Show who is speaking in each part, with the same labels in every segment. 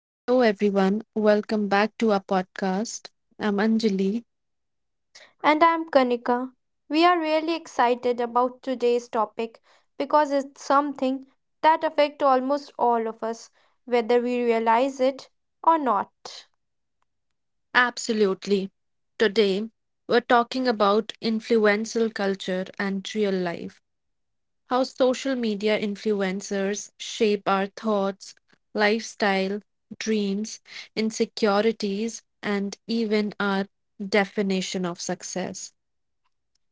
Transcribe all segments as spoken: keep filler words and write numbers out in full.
Speaker 1: Hello, everyone. Welcome back to our podcast. I'm Anjali.
Speaker 2: And I'm Kanika. We are really excited about today's topic because it's something that affects almost all of us, whether we realize it or not.
Speaker 1: Absolutely. Today, we're talking about influential culture and real life, how social media influencers shape our thoughts, lifestyle, dreams, insecurities, and even our definition of success.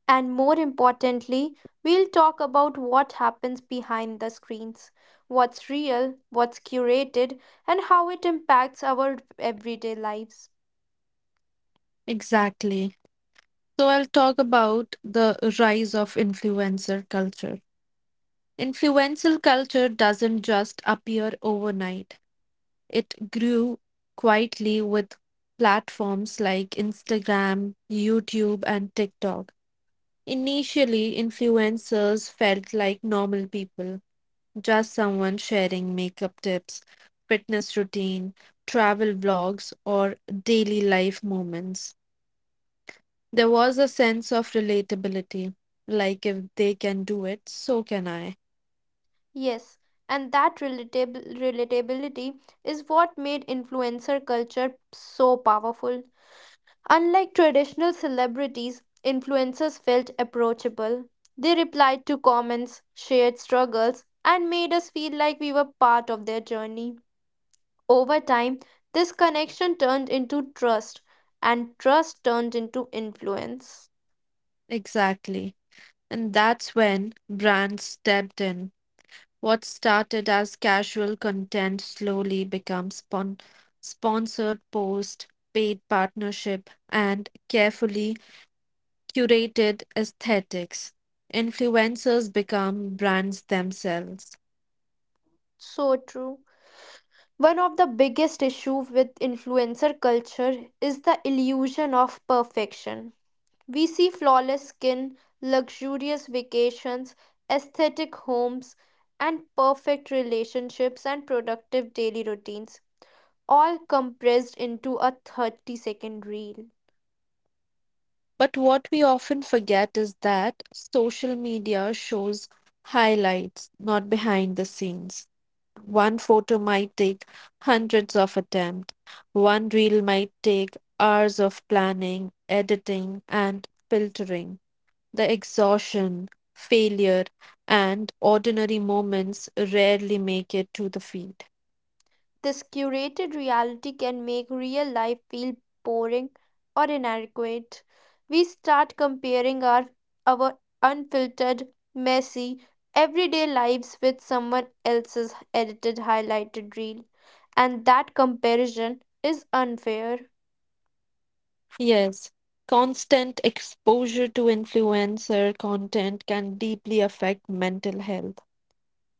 Speaker 2: And more importantly, we'll talk about what happens behind the screens, what's real, what's curated, and how it impacts our everyday lives.
Speaker 1: Exactly. So, I'll talk about the rise of influencer culture. Influential culture doesn't just appear overnight. It grew quietly with platforms like Instagram, YouTube, and TikTok. Initially, influencers felt like normal people, just someone sharing makeup tips, fitness routine, travel vlogs, or daily life moments. There was a sense of relatability, like if they can do it, so can I.
Speaker 2: Yes, and that relatab- relatability is what made influencer culture so powerful. Unlike traditional celebrities, influencers felt approachable. They replied to comments, shared struggles, and made us feel like we were part of their journey. Over time, this connection turned into trust, and trust turned into influence.
Speaker 1: Exactly. And that's when brands stepped in. What started as casual content slowly becomes spon- sponsored post, paid partnership, and carefully curated aesthetics. Influencers become brands themselves.
Speaker 2: So true. One of the biggest issues with influencer culture is the illusion of perfection. We see flawless skin, luxurious vacations, aesthetic homes, and perfect relationships and productive daily routines, all compressed into a thirty second reel.
Speaker 1: But what we often forget is that social media shows highlights, not behind the scenes. One photo might take hundreds of attempts. One reel might take hours of planning, editing, and filtering. The exhaustion, failure, and ordinary moments rarely make it to the feed.
Speaker 2: This curated reality can make real life feel boring or inadequate. We start comparing our, our unfiltered, messy, everyday lives with someone else's edited, highlighted reel. And that comparison is unfair.
Speaker 1: Yes, constant exposure to influencer content can deeply affect mental health.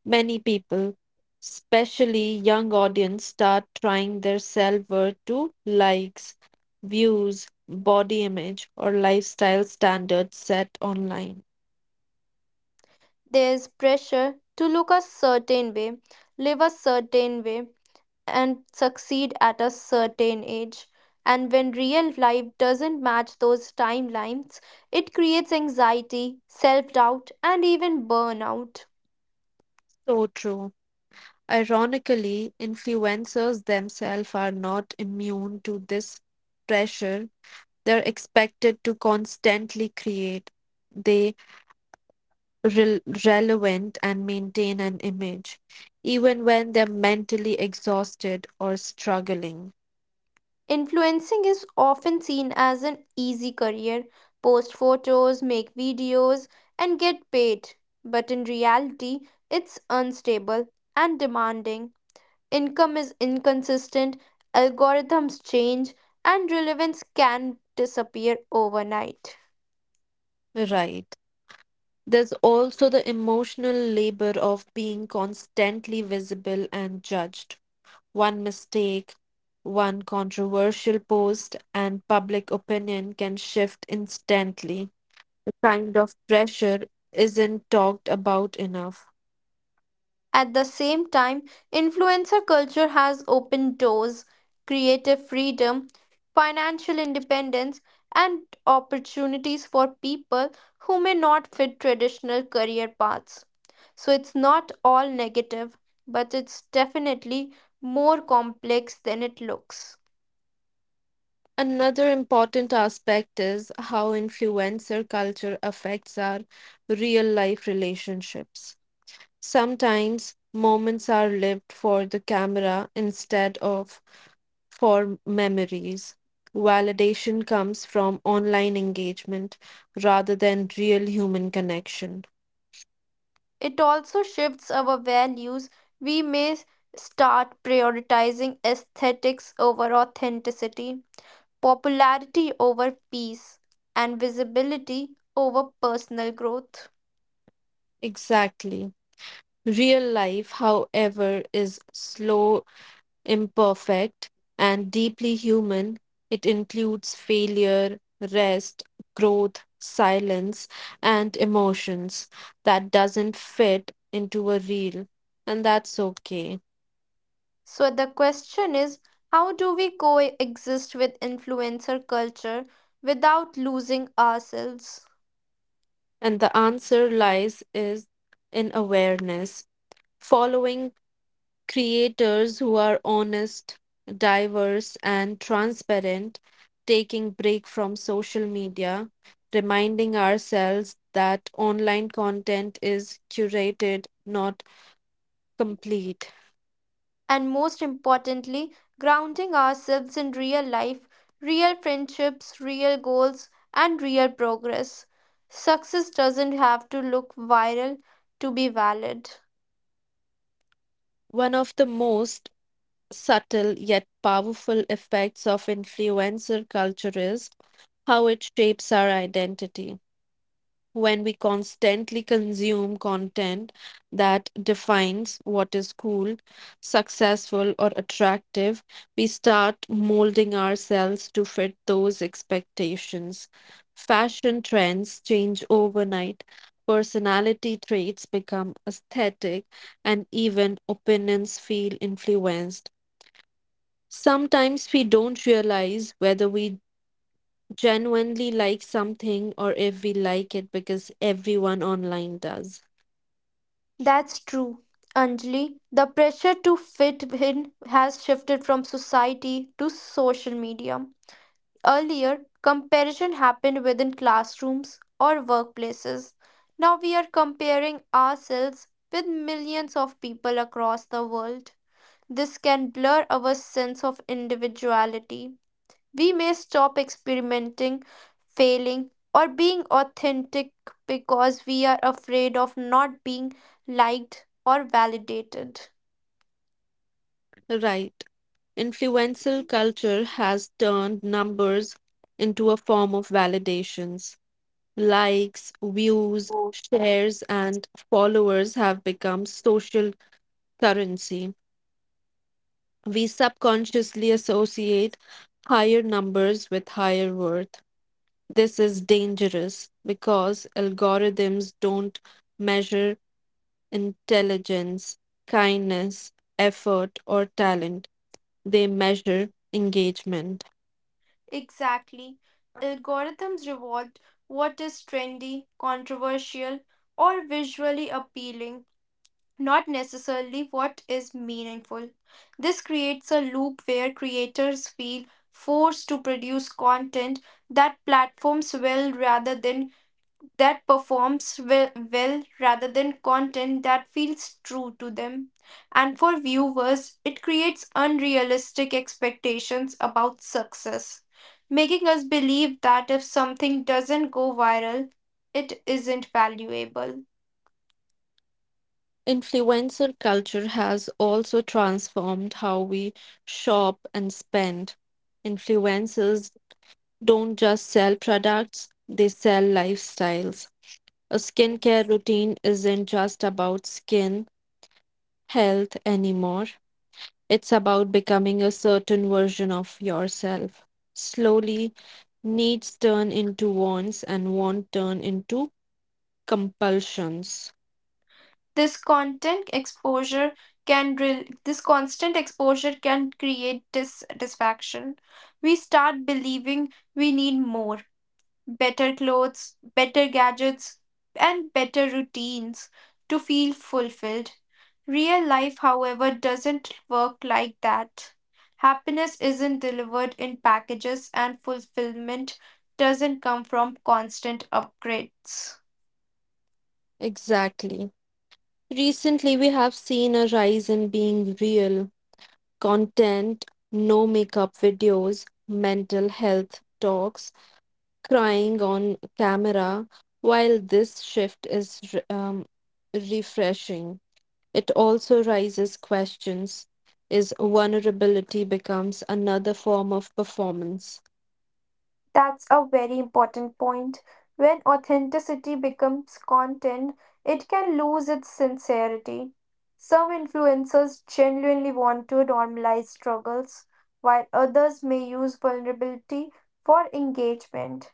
Speaker 1: Many people, especially young audience, start trying their self-worth to likes, views, body image, or lifestyle standards set online.
Speaker 2: There's pressure to look a certain way, live a certain way, and succeed at a certain age. And when real life doesn't match those timelines, it creates anxiety, self doubt, and even burnout.
Speaker 1: So true. Ironically, influencers themselves are not immune to this pressure. They're expected to constantly create, they rel relevant and maintain an image, even when they're mentally exhausted or struggling.
Speaker 2: Influencing is often seen as an easy career post photos, make videos, and get paid. But in reality, it's unstable and demanding. Income is inconsistent, algorithms change, and relevance can disappear overnight.
Speaker 1: Right. There's also the emotional labor of being constantly visible and judged. One mistake, one controversial post, and public opinion can shift instantly. The kind of pressure isn't talked about enough.
Speaker 2: At the same time, influencer culture has opened doors, creative freedom, financial independence, and opportunities for people who may not fit traditional career paths. So it's not all negative, but it's definitely more complex than it looks.
Speaker 1: Another important aspect is how influencer culture affects our real life relationships. Sometimes moments are lived for the camera instead of for memories. Validation comes from online engagement rather than real human connection.
Speaker 2: It also shifts our values. We may start prioritizing aesthetics over authenticity, popularity over peace, and visibility over personal growth.
Speaker 1: Exactly. Real life, however, is slow, imperfect, and deeply human. It includes failure, rest, growth, silence, and emotions that doesn't fit into a reel, and that's okay.
Speaker 2: So, the question is, how do we coexist with influencer culture without losing ourselves?
Speaker 1: And the answer lies is in awareness, following creators who are honest, diverse, and transparent, taking break from social media, reminding ourselves that online content is curated, not complete.
Speaker 2: And most importantly, grounding ourselves in real life, real friendships, real goals, and real progress. Success doesn't have to look viral to be valid.
Speaker 1: One of the most subtle yet powerful effects of influencer culture is how it shapes our identity. When we constantly consume content that defines what is cool, successful, or attractive, we start molding ourselves to fit those expectations. Fashion trends change overnight, personality traits become aesthetic, and even opinions feel influenced. Sometimes we don't realize whether we genuinely like something or if we like it because everyone online does.
Speaker 2: That's true, Anjali. The pressure to fit in has shifted from society to social media. Earlier, comparison happened within classrooms or workplaces. Now we are comparing ourselves with millions of people across the world. This can blur our sense of individuality. We may stop experimenting, failing, or being authentic because we are afraid of not being liked or validated.
Speaker 1: Right. Influential culture has turned numbers into a form of validations. Likes, views, shares, and followers have become social currency. We subconsciously associate higher numbers with higher worth. This is dangerous because algorithms don't measure intelligence, kindness, effort, or talent. They measure engagement.
Speaker 2: Exactly. Algorithms reward what is trendy, controversial, or visually appealing, not necessarily what is meaningful. This creates a loop where creators feel forced to produce content that platforms will rather than that performs well, well rather than content that feels true to them. And for viewers, it creates unrealistic expectations about success, making us believe that if something doesn't go viral, it isn't valuable.
Speaker 1: Influencer culture has also transformed how we shop and spend. Influencers don't just sell products, they sell lifestyles. A skincare routine isn't just about skin health anymore, it's about becoming a certain version of yourself. Slowly, needs turn into wants and want turn into compulsions.
Speaker 2: This content exposure can rel- this constant exposure can create dissatisfaction. We start believing we need more better clothes, better gadgets, and better routines to feel fulfilled. Real life, however, doesn't work like that. Happiness isn't delivered in packages, and fulfillment doesn't come from constant upgrades.
Speaker 1: Exactly. Recently, we have seen a rise in being real, content, no makeup videos, mental health talks, crying on camera. While this shift is re- um, refreshing, it also raises questions is vulnerability becomes another form of performance.
Speaker 2: That's a very important point. When authenticity becomes content, it can lose its sincerity. Some influencers genuinely want to normalize struggles, while others may use vulnerability for engagement.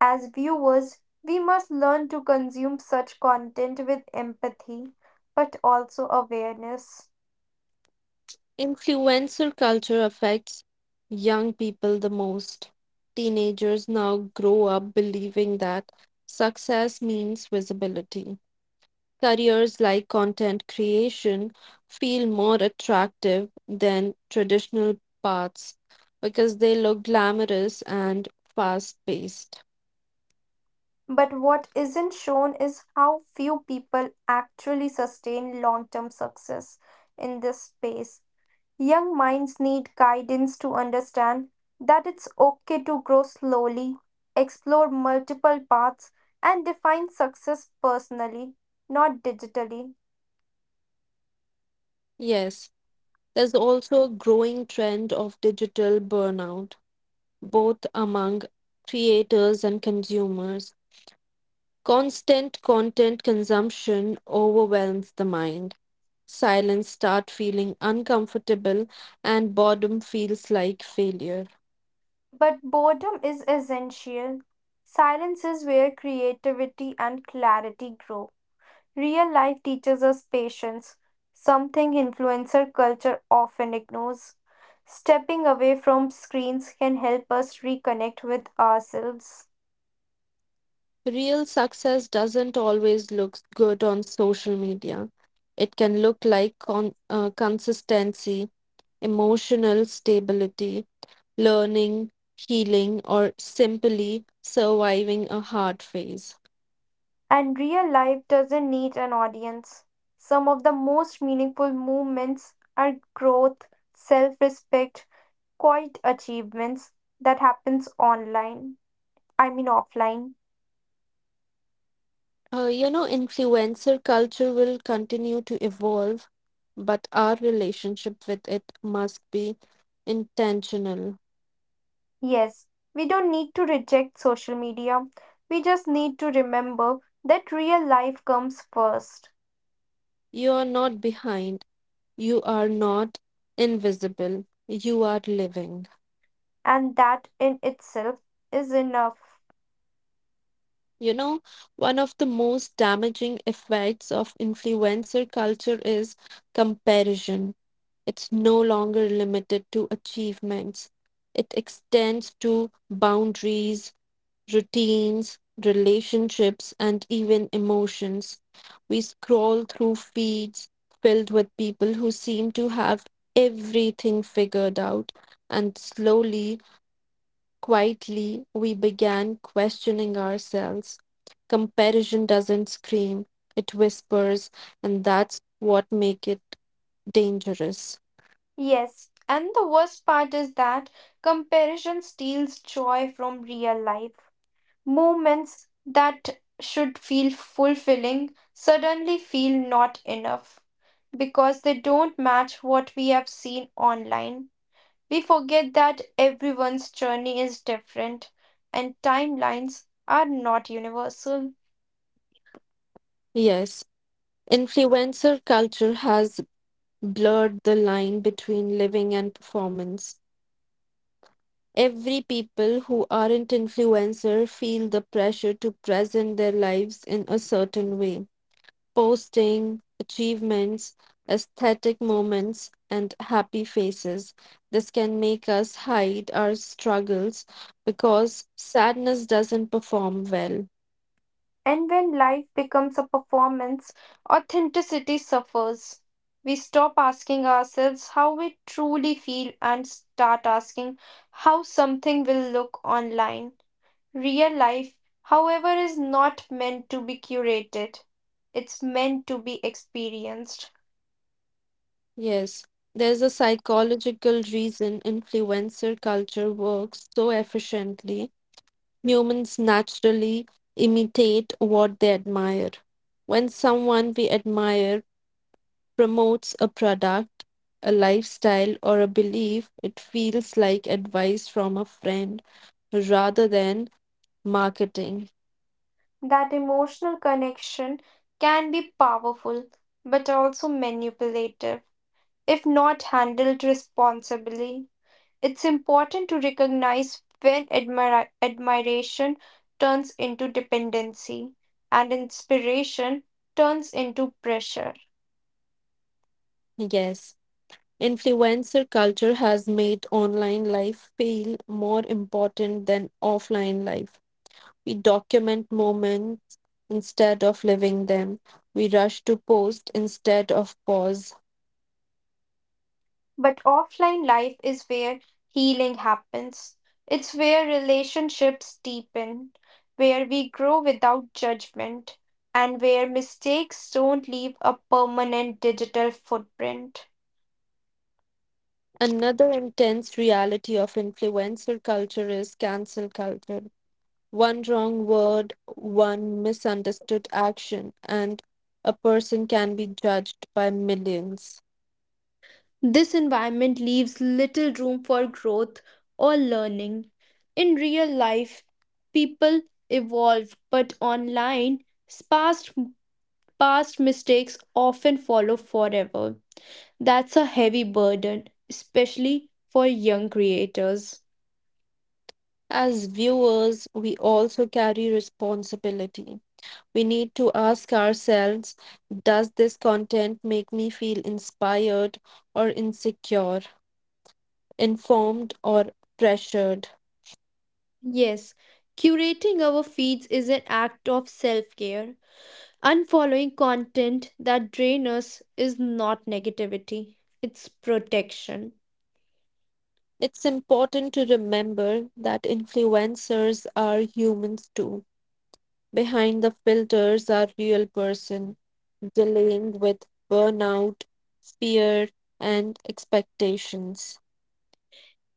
Speaker 2: As viewers, we must learn to consume such content with empathy, but also awareness.
Speaker 1: Influencer culture affects young people the most. Teenagers now grow up believing that success means visibility. Careers like content creation feel more attractive than traditional paths because they look glamorous and fast paced.
Speaker 2: But what isn't shown is how few people actually sustain long term success in this space. Young minds need guidance to understand that it's okay to grow slowly, explore multiple paths, and define success personally, not digitally.
Speaker 1: Yes, there's also a growing trend of digital burnout, both among creators and consumers. Constant content consumption overwhelms the mind. Silence start feeling uncomfortable and boredom feels like failure.
Speaker 2: But boredom is essential. Silence is where creativity and clarity grow. Real life teaches us patience, something influencer culture often ignores. Stepping away from screens can help us reconnect with ourselves.
Speaker 1: Real success doesn't always look good on social media. It can look like con- uh, consistency, emotional stability, learning, healing, or simply surviving a hard phase.
Speaker 2: And real life doesn't need an audience. Some of the most meaningful movements are growth, self respect, quiet achievements that happens online. I mean offline.
Speaker 1: Uh, you know, influencer culture will continue to evolve, but our relationship with it must be intentional.
Speaker 2: Yes, we don't need to reject social media. We just need to remember that real life comes first,
Speaker 1: You are not behind, you are not invisible, you are living.
Speaker 2: and that in itself is enough.
Speaker 1: You know, One of the most damaging effects of influencer culture is comparison. It's no longer limited to achievements, it extends to boundaries, routines, relationships, and even emotions. We scroll through feeds filled with people who seem to have everything figured out, and slowly, quietly, we began questioning ourselves. Comparison doesn't scream, it whispers, and that's what makes it dangerous.
Speaker 2: Yes, and the worst part is that comparison steals joy from real life. Moments that should feel fulfilling suddenly feel not enough because they don't match what we have seen online. We forget that everyone's journey is different and timelines are not universal.
Speaker 1: Yes, influencer culture has blurred the line between living and performance. Every people who aren't influencer feel the pressure to present their lives in a certain way. Posting achievements, aesthetic moments, and happy faces. This can make us hide our struggles because sadness doesn't perform well.
Speaker 2: And when life becomes a performance, authenticity suffers. We stop asking ourselves how we truly feel and start asking how something will look online. Real life, however, is not meant to be curated, it's meant to be experienced.
Speaker 1: Yes, there's a psychological reason influencer culture works so efficiently. Humans naturally imitate what they admire. When someone we admire promotes a product, a lifestyle, or a belief, it feels like advice from a friend rather than marketing.
Speaker 2: That emotional connection can be powerful but also manipulative if not handled responsibly. It's important to recognize when admira- admiration turns into dependency and inspiration turns into pressure.
Speaker 1: Yes, influencer culture has made online life feel more important than offline life. We document moments instead of living them. We rush to post instead of pause.
Speaker 2: But offline life is where healing happens. It's where relationships deepen, where we grow without judgment, and where mistakes don't leave a permanent digital footprint.
Speaker 1: Another intense reality of influencer culture is cancel culture. One wrong word, one misunderstood action, and a person can be judged by millions.
Speaker 2: This environment leaves little room for growth or learning. In real life, people evolve, but online, past, past mistakes often follow forever. That's a heavy burden, especially for young creators.
Speaker 1: As viewers, we also carry responsibility. We need to ask ourselves, does this content make me feel inspired or insecure, informed or pressured?
Speaker 2: Yes, curating our feeds is an act of self care. Unfollowing content that drains us is not negativity, it's protection.
Speaker 1: It's important to remember that influencers are humans too. Behind the filters are real person dealing with burnout, fear, and expectations.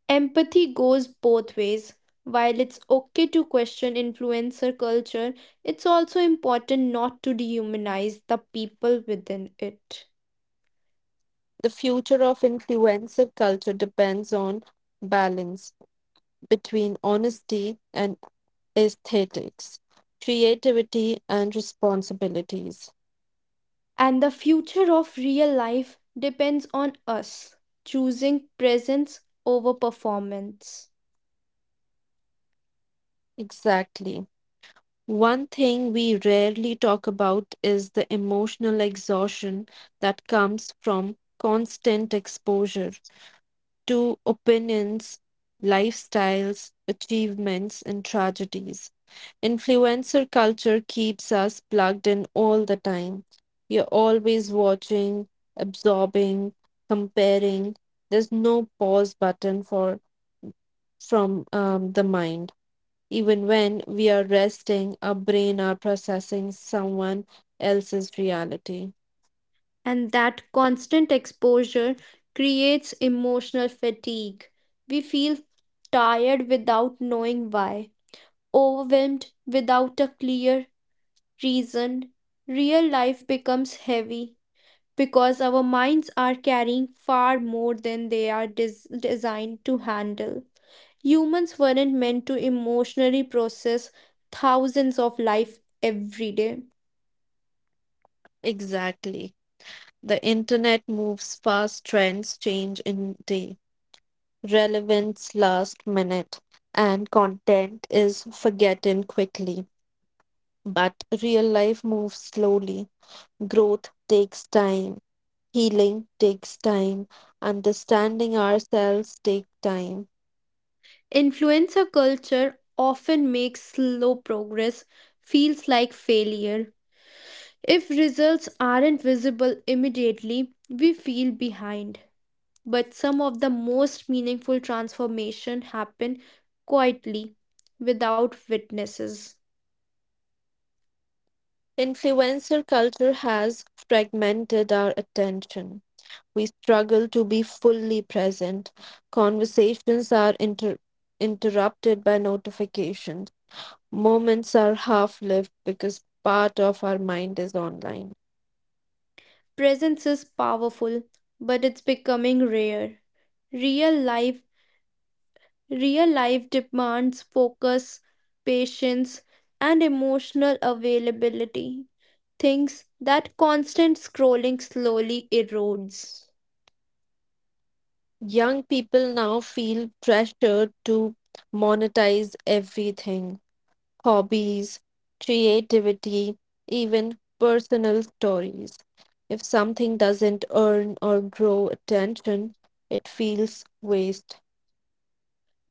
Speaker 2: Empathy goes both ways. While it's okay to question influencer culture, it's also important not to dehumanize the people within it.
Speaker 1: The future of influencer culture depends on balance between honesty and aesthetics, creativity and responsibilities.
Speaker 2: And the future of real life depends on us choosing presence over performance.
Speaker 1: Exactly. One thing we rarely talk about is the emotional exhaustion that comes from constant exposure to opinions, lifestyles, achievements, and tragedies. Influencer culture keeps us plugged in all the time. We are always watching, absorbing, comparing. There's no pause button for from um, the mind. Even when we are resting, our brain are processing someone else's reality.
Speaker 2: And that constant exposure creates emotional fatigue. We feel tired without knowing why, overwhelmed without a clear reason, real life becomes heavy because our minds are carrying far more than they are des- designed to handle. Humans weren't meant to emotionally process thousands of life every day.
Speaker 1: Exactly. The internet moves fast, trends change in days, relevance last minute, and content is forgotten quickly. But real life moves slowly. Growth takes time. Healing takes time. Understanding ourselves takes time.
Speaker 2: Influencer culture often makes slow progress feels like failure. If results aren't visible immediately, we feel behind. But some of the most meaningful transformation happen quietly without witnesses.
Speaker 1: Influencer culture has fragmented our attention. We struggle to be fully present. Conversations are inter- interrupted by notifications. Moments are half lived because part of our mind is online.
Speaker 2: Presence is powerful, but it's becoming rare. Real life, real life demands focus, patience, and emotional availability, things that constant scrolling slowly erodes.
Speaker 1: Young people now feel pressured to monetize everything, hobbies, creativity, even personal stories. If something doesn't earn or grow attention, it feels waste.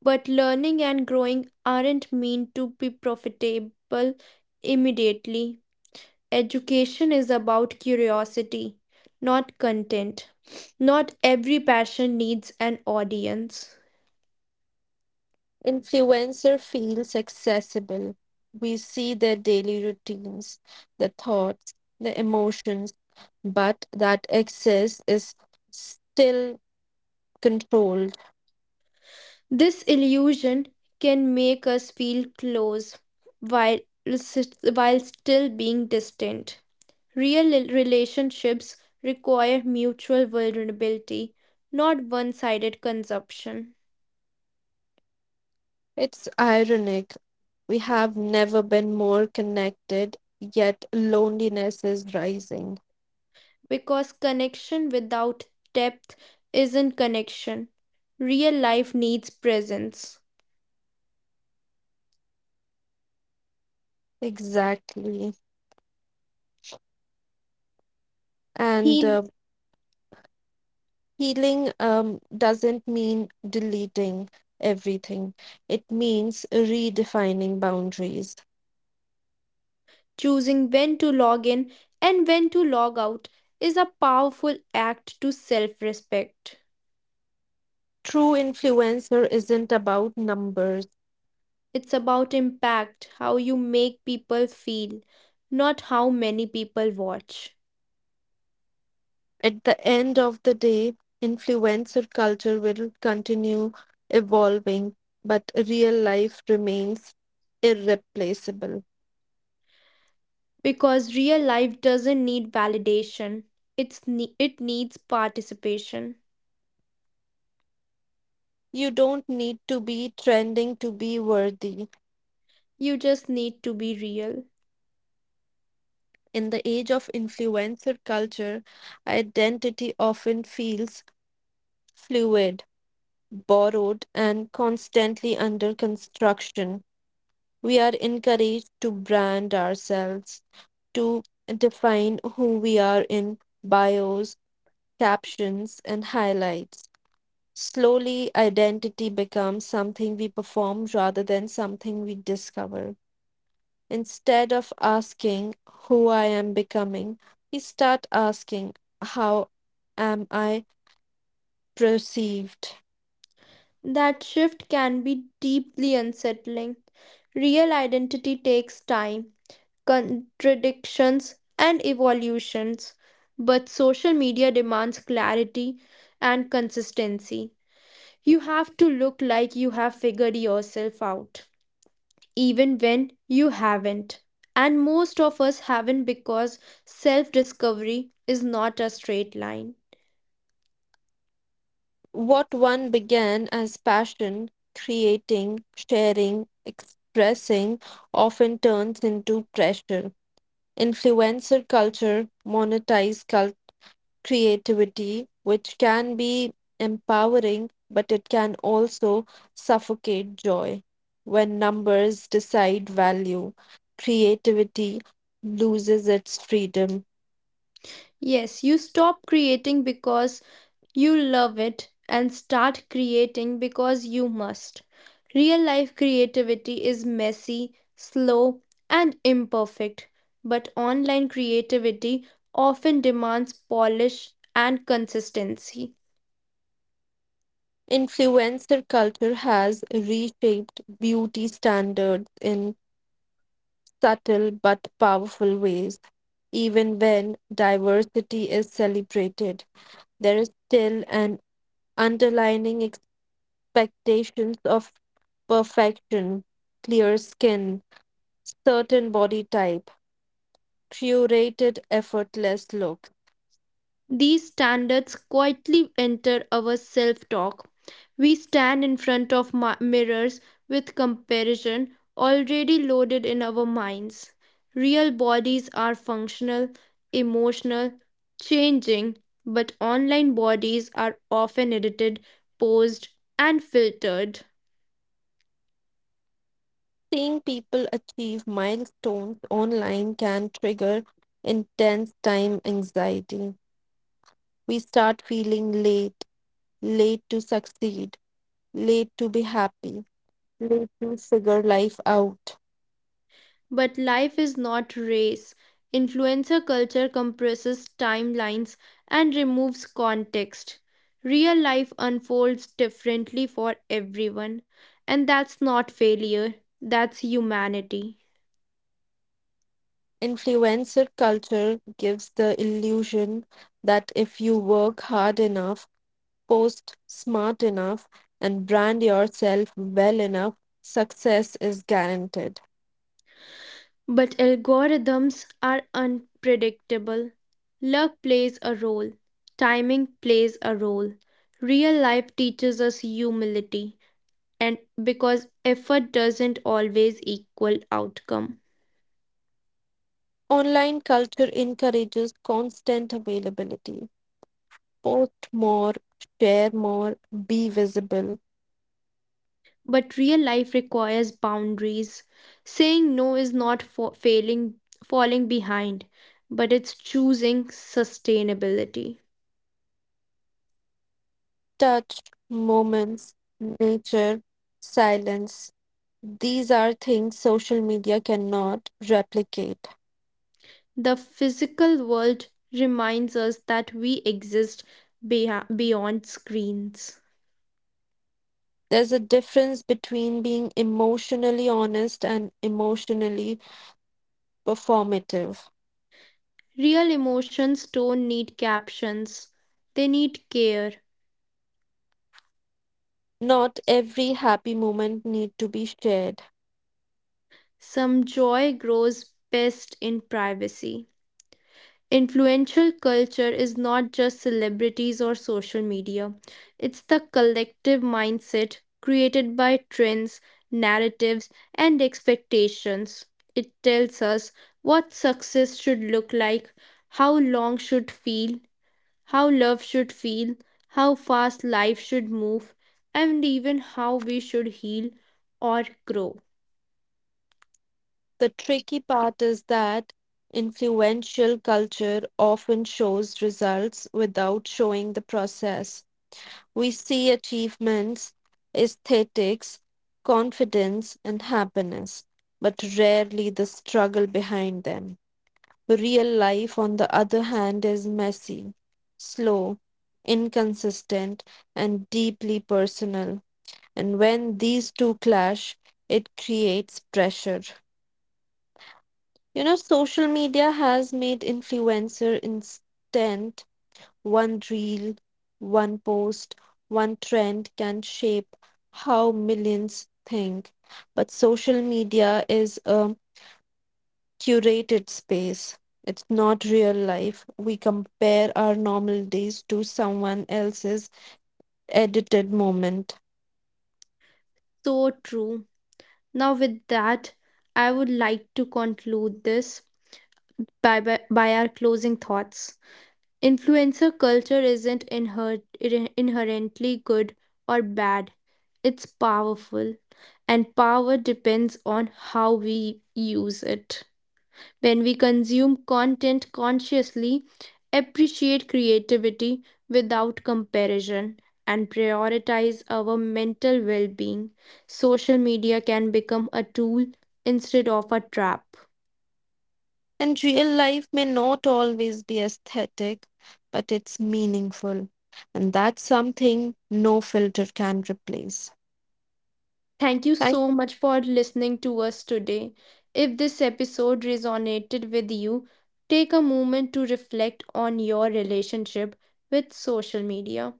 Speaker 2: But learning and growing aren't meant to be profitable immediately. Education is about curiosity, not content. Not every passion needs an audience.
Speaker 1: Influencer feels accessible. We see their daily routines, the thoughts, the emotions, but that access is still controlled.
Speaker 2: This illusion can make us feel close while, s- while still being distant. Real rel- relationships require mutual vulnerability, not one sided consumption.
Speaker 1: It's ironic. We have never been more connected, yet loneliness is rising.
Speaker 2: Because connection without depth isn't connection. Real life needs presence.
Speaker 1: Exactly. And
Speaker 2: He.
Speaker 1: uh, healing um, doesn't mean deleting everything, it means redefining boundaries.
Speaker 2: Choosing when to log in and when to log out is a powerful act to self respect.
Speaker 1: True influencer isn't about numbers.
Speaker 2: It's about impact, how you make people feel, not how many people watch.
Speaker 1: At the end of the day, influencer culture will continue evolving, but real life remains irreplaceable.
Speaker 2: Because real life doesn't need validation, it's ne- it needs participation.
Speaker 1: You don't need to be trending to be worthy.
Speaker 2: You just need to be real.
Speaker 1: In the age of influencer culture, identity often feels fluid, borrowed, and constantly under construction. We are encouraged to brand ourselves, to define who we are in bios, captions, and highlights. Slowly, identity becomes something we perform rather than something we discover. Instead of asking who I am becoming, we start asking how am I perceived?
Speaker 2: That shift can be deeply unsettling. Real identity takes time, contradictions, and evolutions, but social media demands clarity and consistency. You have to look like you have figured yourself out, even when you haven't. And most of us haven't because self discovery is not a straight line.
Speaker 1: What one began as passion, creating, sharing, expressing often turns into pressure. Influencer culture, monetized culture, creativity, which can be empowering, but it can also suffocate joy. When numbers decide value, creativity loses its freedom.
Speaker 2: Yes, you stop creating because you love it and start creating because you must. Real life creativity is messy, slow, and imperfect, but online creativity often demands polish and consistency.
Speaker 1: Influencer culture has reshaped beauty standards in subtle but powerful ways. Even when diversity is celebrated, there is still an underlining expectations of perfection, clear skin, certain body type, curated, effortless look.
Speaker 2: These standards quietly enter our self talk. We stand in front of mi- mirrors with comparison already loaded in our minds. Real bodies are functional, emotional, changing, but online bodies are often edited, posed, and filtered.
Speaker 1: Seeing people achieve milestones online can trigger intense time anxiety. We start feeling late, late to succeed, late to be happy, late to figure life out.
Speaker 2: But life is not race. Influencer culture compresses timelines and removes context. Real life unfolds differently for everyone, and that's not failure, that's humanity.
Speaker 1: Influencer culture gives the illusion that if you work hard enough, post smart enough, and brand yourself well enough, success is guaranteed.
Speaker 2: But algorithms are unpredictable. Luck plays a role, timing plays a role. Real life teaches us humility, and because effort doesn't always equal outcome.
Speaker 1: Online culture encourages constant availability. Post more, share more, be visible.
Speaker 2: But real life requires boundaries. Saying no is not for failing, falling behind, but it's choosing sustainability.
Speaker 1: Touch, moments, nature, silence. These are things social media cannot replicate.
Speaker 2: The physical world reminds us that we exist beha- beyond screens.
Speaker 1: There's a difference between being emotionally honest and emotionally performative.
Speaker 2: Real emotions don't need captions, they need care.
Speaker 1: Not every happy moment need to be shared.
Speaker 2: Some joy grows best in privacy. Influential culture is not just celebrities or social media, it's the collective mindset created by trends, narratives, and expectations. It tells us what success should look like, how long should feel, how love should feel, how fast life should move, and even how we should heal or grow.
Speaker 1: The tricky part is that influential culture often shows results without showing the process. We see achievements, aesthetics, confidence, and happiness, but rarely the struggle behind them. Real life, on the other hand, is messy, slow, inconsistent, and deeply personal. And when these two clash, it creates pressure. You know, social media has made influencer instant. One reel, one post, one trend can shape how millions think. But social media is a curated space. It's not real life. We compare our normal days to someone else's edited moment.
Speaker 2: So true. Now, with that, I would like to conclude this by, by, by our closing thoughts. Influencer culture isn't inher- inhe- inherently good or bad, it's powerful, and power depends on how we use it. When we consume content consciously, appreciate creativity without comparison, and prioritize our mental well being, social media can become a tool instead of a trap.
Speaker 1: And real life may not always be aesthetic, but it's meaningful. And that's something no filter can replace.
Speaker 2: Thank you
Speaker 1: Right?
Speaker 2: so much for listening to us today. If this episode resonated with you, take a moment to reflect on your relationship with social media.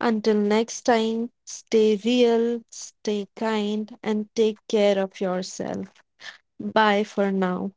Speaker 1: Until next time, stay real, stay kind, and take care of yourself. Bye for now.